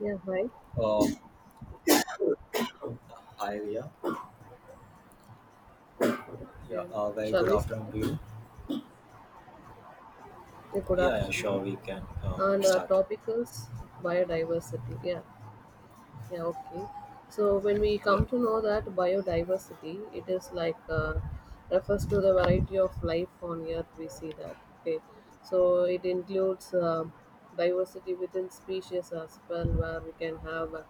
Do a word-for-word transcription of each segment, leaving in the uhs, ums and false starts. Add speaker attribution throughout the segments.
Speaker 1: Yeah, hi.
Speaker 2: Uh, Hi, Ria. Yeah,
Speaker 1: Yeah.
Speaker 2: uh, very
Speaker 1: Shall
Speaker 2: good
Speaker 1: we
Speaker 2: afternoon
Speaker 1: start?
Speaker 2: to you.
Speaker 1: Yeah, good
Speaker 2: Yeah, yeah,
Speaker 1: afternoon.
Speaker 2: sure, we can uh,
Speaker 1: And our
Speaker 2: start.
Speaker 1: topic is biodiversity. Yeah. Yeah, okay. So when we
Speaker 2: Yeah,
Speaker 1: come to know that biodiversity, it is like uh, refers to the variety of life on Earth. We see that. Okay, so it includes uh, diversity within species as well, where we can have uh,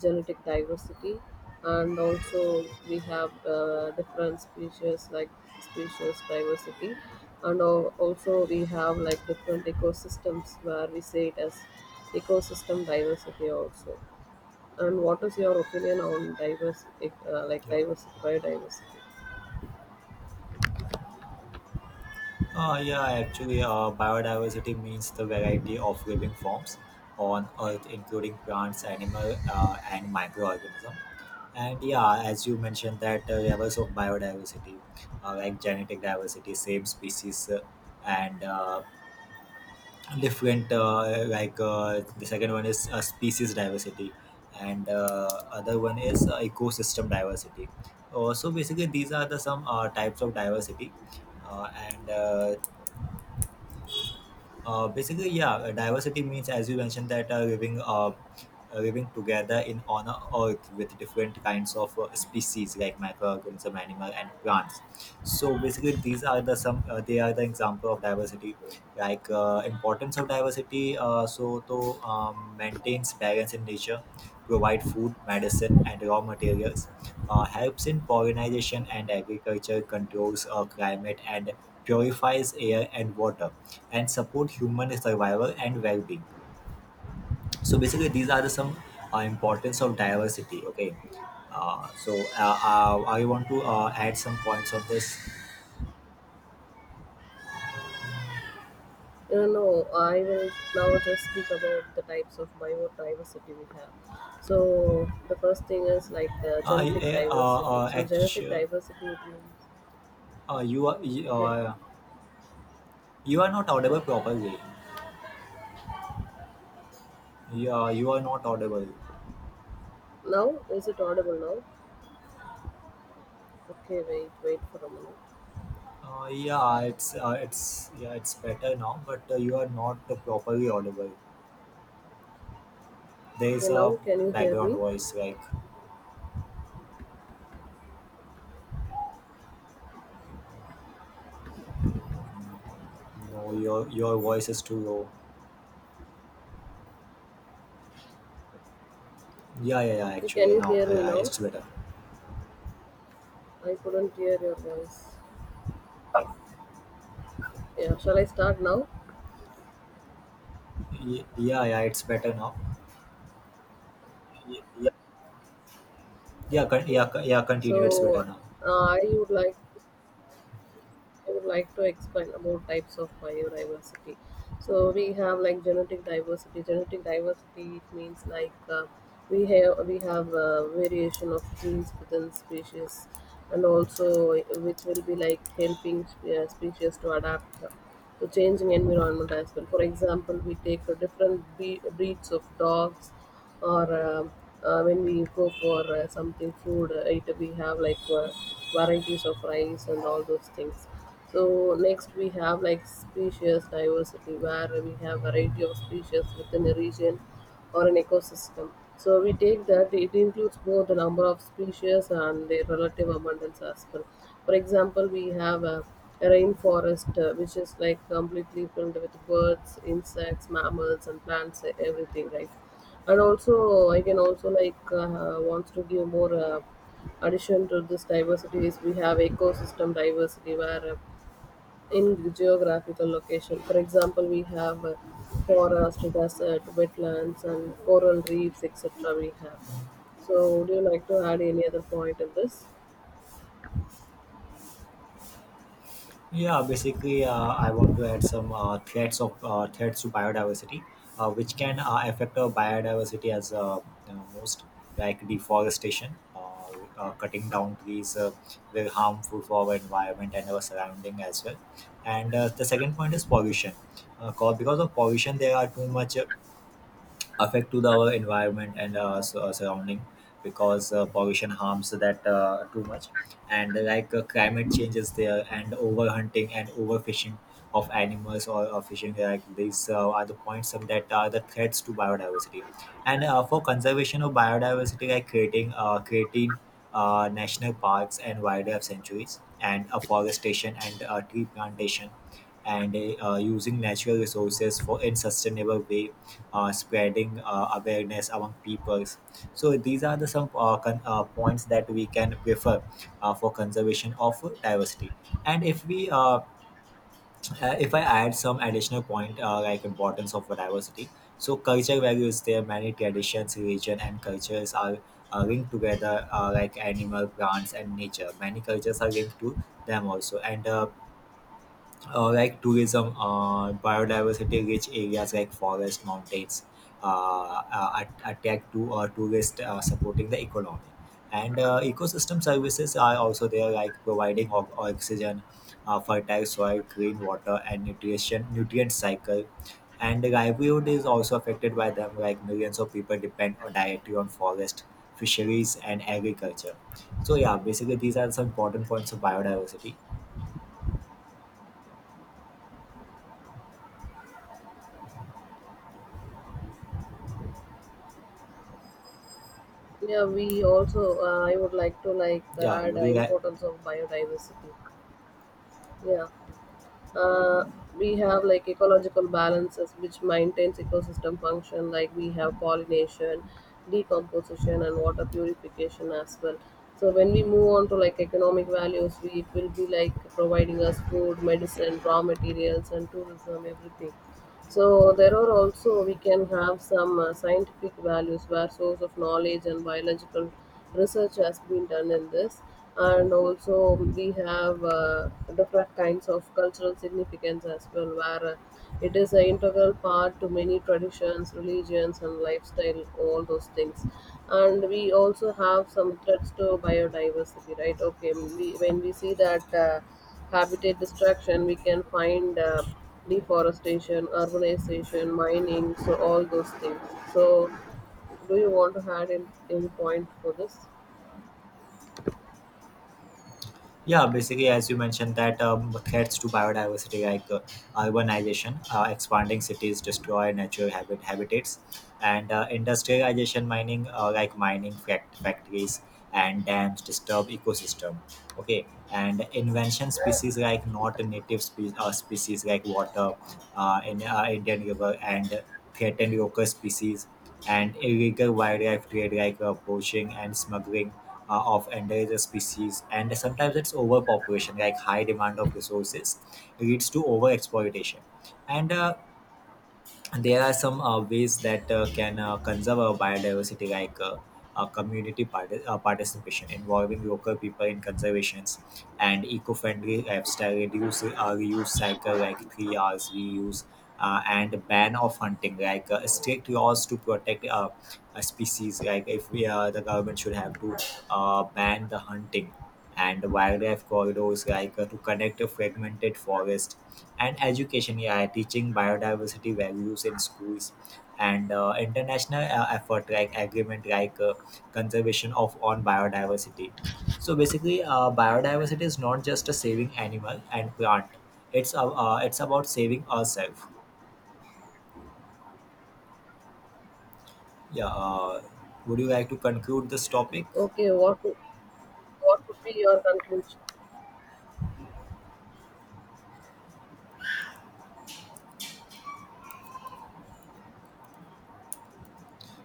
Speaker 1: genetic diversity, and also we have uh, different species like species diversity, and al- also we have like different ecosystems where we say it as ecosystem diversity also. And what is your opinion on diverse, uh, like
Speaker 2: yeah.
Speaker 1: diversity, biodiversity?
Speaker 2: Uh, yeah, actually, uh, biodiversity means the variety of living forms on Earth, including plants, animal, uh, and microorganism. And yeah, as you mentioned, that uh, levels of biodiversity, uh, like genetic diversity, same species, uh, and uh, different uh, like uh, the second one is uh, species diversity, and uh, other one is uh, ecosystem diversity. Uh, so basically these are the some uh, types of diversity. Uh, and uh, uh, Basically, yeah, uh, diversity means, as you mentioned, that uh, living uh, uh, living together in on a earth with different kinds of uh, species like microorganism, animal, and plants. So basically these are the some, uh, they are the example of diversity, like uh, importance of diversity. Uh, so to um, maintains balance in nature, provide food, medicine, and raw materials, uh, helps in pollination and agriculture, controls uh, climate, and purifies air and water, and support human survival and well-being. So basically these are the some uh, importance of diversity. Okay. uh, so uh, uh, I want to uh, add some points of this.
Speaker 1: Uh, no, I will now just speak about the types of biodiversity we have. So the first thing is like uh,
Speaker 2: uh,
Speaker 1: genetic
Speaker 2: uh,
Speaker 1: diversity.
Speaker 2: uh,
Speaker 1: So genetic
Speaker 2: Actually,
Speaker 1: diversity it means
Speaker 2: uh, you are
Speaker 1: yeah.
Speaker 2: uh, you are not audible properly. Yeah, you are not audible.
Speaker 1: Now is it audible now? Okay, wait, wait for a minute.
Speaker 2: Uh, yeah, it's uh, it's yeah, it's better now, but uh, you are not uh, properly audible. There
Speaker 1: Okay,
Speaker 2: is
Speaker 1: now
Speaker 2: a
Speaker 1: can you hear
Speaker 2: background
Speaker 1: me?
Speaker 2: voice like, no, your your voice is too low. Yeah yeah, yeah
Speaker 1: Yeah, can
Speaker 2: actually
Speaker 1: you
Speaker 2: now,
Speaker 1: hear me
Speaker 2: yeah,
Speaker 1: now?
Speaker 2: it's better.
Speaker 1: I couldn't hear your voice. Yeah, shall I start now?
Speaker 2: Ye- yeah yeah it's better now.
Speaker 1: Yeah.
Speaker 2: Yeah, con-
Speaker 1: Okay.
Speaker 2: yeah, co- yeah. Continue. It's better
Speaker 1: So
Speaker 2: now.
Speaker 1: uh, I would like I would like to explain about types of biodiversity. So we have like genetic diversity. Genetic diversity it means like uh, we have we have a variation of genes within species, and also which will be like helping uh, species to adapt to changing environment as well. For example, we take uh, different be- breeds of dogs or uh, uh, when we go for uh, something food, uh, it, we have like uh, varieties of rice and all those things. So next we have like species diversity, where we have variety of species within a region or an ecosystem. So we take that it includes both the number of species and their relative abundance as well. For example, we have a, a rainforest uh, which is like completely filled with birds, insects, mammals, and plants, uh, everything, right? And also, I can also like uh, wants to give more uh, addition to this diversity is we have ecosystem diversity where uh, in geographical location. For example, we have uh, forest, desert, wetlands, and coral reefs, et cetera. We have. So, would you like to add any other point in this?
Speaker 2: Yeah, basically, uh, I want to add some uh, threats of uh, threats to biodiversity, uh, which can uh, affect our biodiversity as, uh, you know, most like deforestation, uh, uh, cutting down trees, uh, very harmful for our environment and our surrounding as well. And uh, the second point is pollution. Uh, co- because of pollution, there are too much uh, affect to the, our environment and uh, su- uh, surrounding, because uh, pollution harms that uh, too much. And like uh, climate changes there, and overhunting and overfishing of animals or uh, fishing, like these uh, are the points of, that are the threats to biodiversity. And uh, for conservation of biodiversity, like creating uh, creating uh, national parks and wildlife sanctuaries, and afforestation and uh, tree plantation, and uh, using natural resources for in sustainable way, uh, spreading uh, awareness among peoples. So these are the some uh, con- uh, points that we can prefer uh, for conservation of diversity. And if we, uh, uh, if I add some additional point uh, like importance of diversity, so culture values, there many traditions, religion, and cultures are uh, linked together, uh, like animal, plants, and nature. Many cultures are linked to them also. And uh, uh, like tourism, uh, biodiversity rich areas like forests, mountains, uh, uh, attract to uh, tourists, uh, supporting the economy. And uh, ecosystem services are also there, like providing o- oxygen, uh, fertile soil, clean water, and nutrition nutrient cycle. And the livelihood is also affected by them, like millions of people depend on directly on forest, fisheries, and agriculture. So yeah, basically these are some important points of biodiversity.
Speaker 1: Yeah, we also. Uh, I would like to like
Speaker 2: Yeah,
Speaker 1: add
Speaker 2: would
Speaker 1: uh,
Speaker 2: you like.
Speaker 1: importance of biodiversity. Yeah. Uh, we have like ecological balances which maintains ecosystem function, like we have pollination, decomposition, and water purification as well. So when we move on to like economic values, we it will be like providing us food, medicine, raw materials, and tourism, everything. So there are also we can have some uh, scientific values, where source of knowledge and biological research has been done in this, and also we have uh, different kinds of cultural significance as well, where uh, it is an integral part to many traditions, religions, and lifestyle, all those things. And we also have some threats to biodiversity, right? Okay, we, when we see that uh, habitat destruction, we can find. Uh, deforestation, urbanization, mining, so all those things. So, do you want to add in any point for this?
Speaker 2: Yeah, basically, as you mentioned, that um, threats to biodiversity like uh, urbanization, uh, expanding cities destroy natural habit habitats, and uh, industrialization, mining, uh, like mining fact- factories and dams disturb ecosystem. Okay, and invention species like not native spe- uh, species like water uh, in uh, Indian River, and threatened local species, and illegal wildlife trade, like uh, poaching and smuggling uh, of endangered species. And sometimes it's overpopulation, like high demand of resources leads to overexploitation. And uh, and there are some uh, ways that uh, can uh, conserve our biodiversity, like uh, uh, community part- uh, participation, involving local people in conservations, and eco-friendly lifestyle, reduce uh, reuse cycle, like three hours reuse, uh, and ban of hunting, like uh, strict laws to protect uh, a species. Like if we, uh, the government should have to uh, ban the hunting, and wildlife corridors, like uh, to connect a fragmented forest, and education, yeah, teaching biodiversity values in schools, and uh, international uh, effort like agreement, like uh, conservation of on biodiversity. So basically uh, biodiversity is not just a saving animal and plant, it's uh, uh, it's about saving ourselves. Yeah. Uh, would you like to conclude this topic?
Speaker 1: Okay, what would- what would be your conclusion?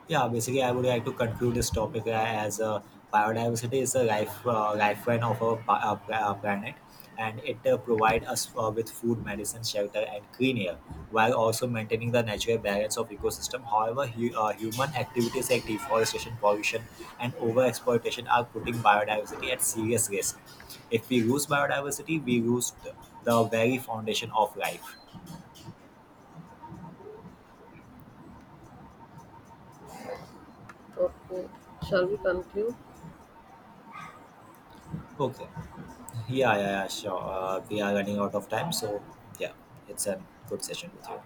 Speaker 2: Yeah, basically, I would like to conclude this topic uh, as uh, biodiversity is a life uh, lifeline of our pa- uh, pla- uh, planet. And it uh, provides us uh, with food, medicine, shelter, and clean air, while also maintaining the natural balance of ecosystem. However, hu- uh, human activities like deforestation, pollution, and overexploitation are putting biodiversity at serious risk. If we lose biodiversity, we lose the the very foundation of life.
Speaker 1: Okay, shall we conclude?
Speaker 2: Okay. Yeah, yeah, yeah, sure. Uh, we are running out of time, so yeah, it's a good session with you.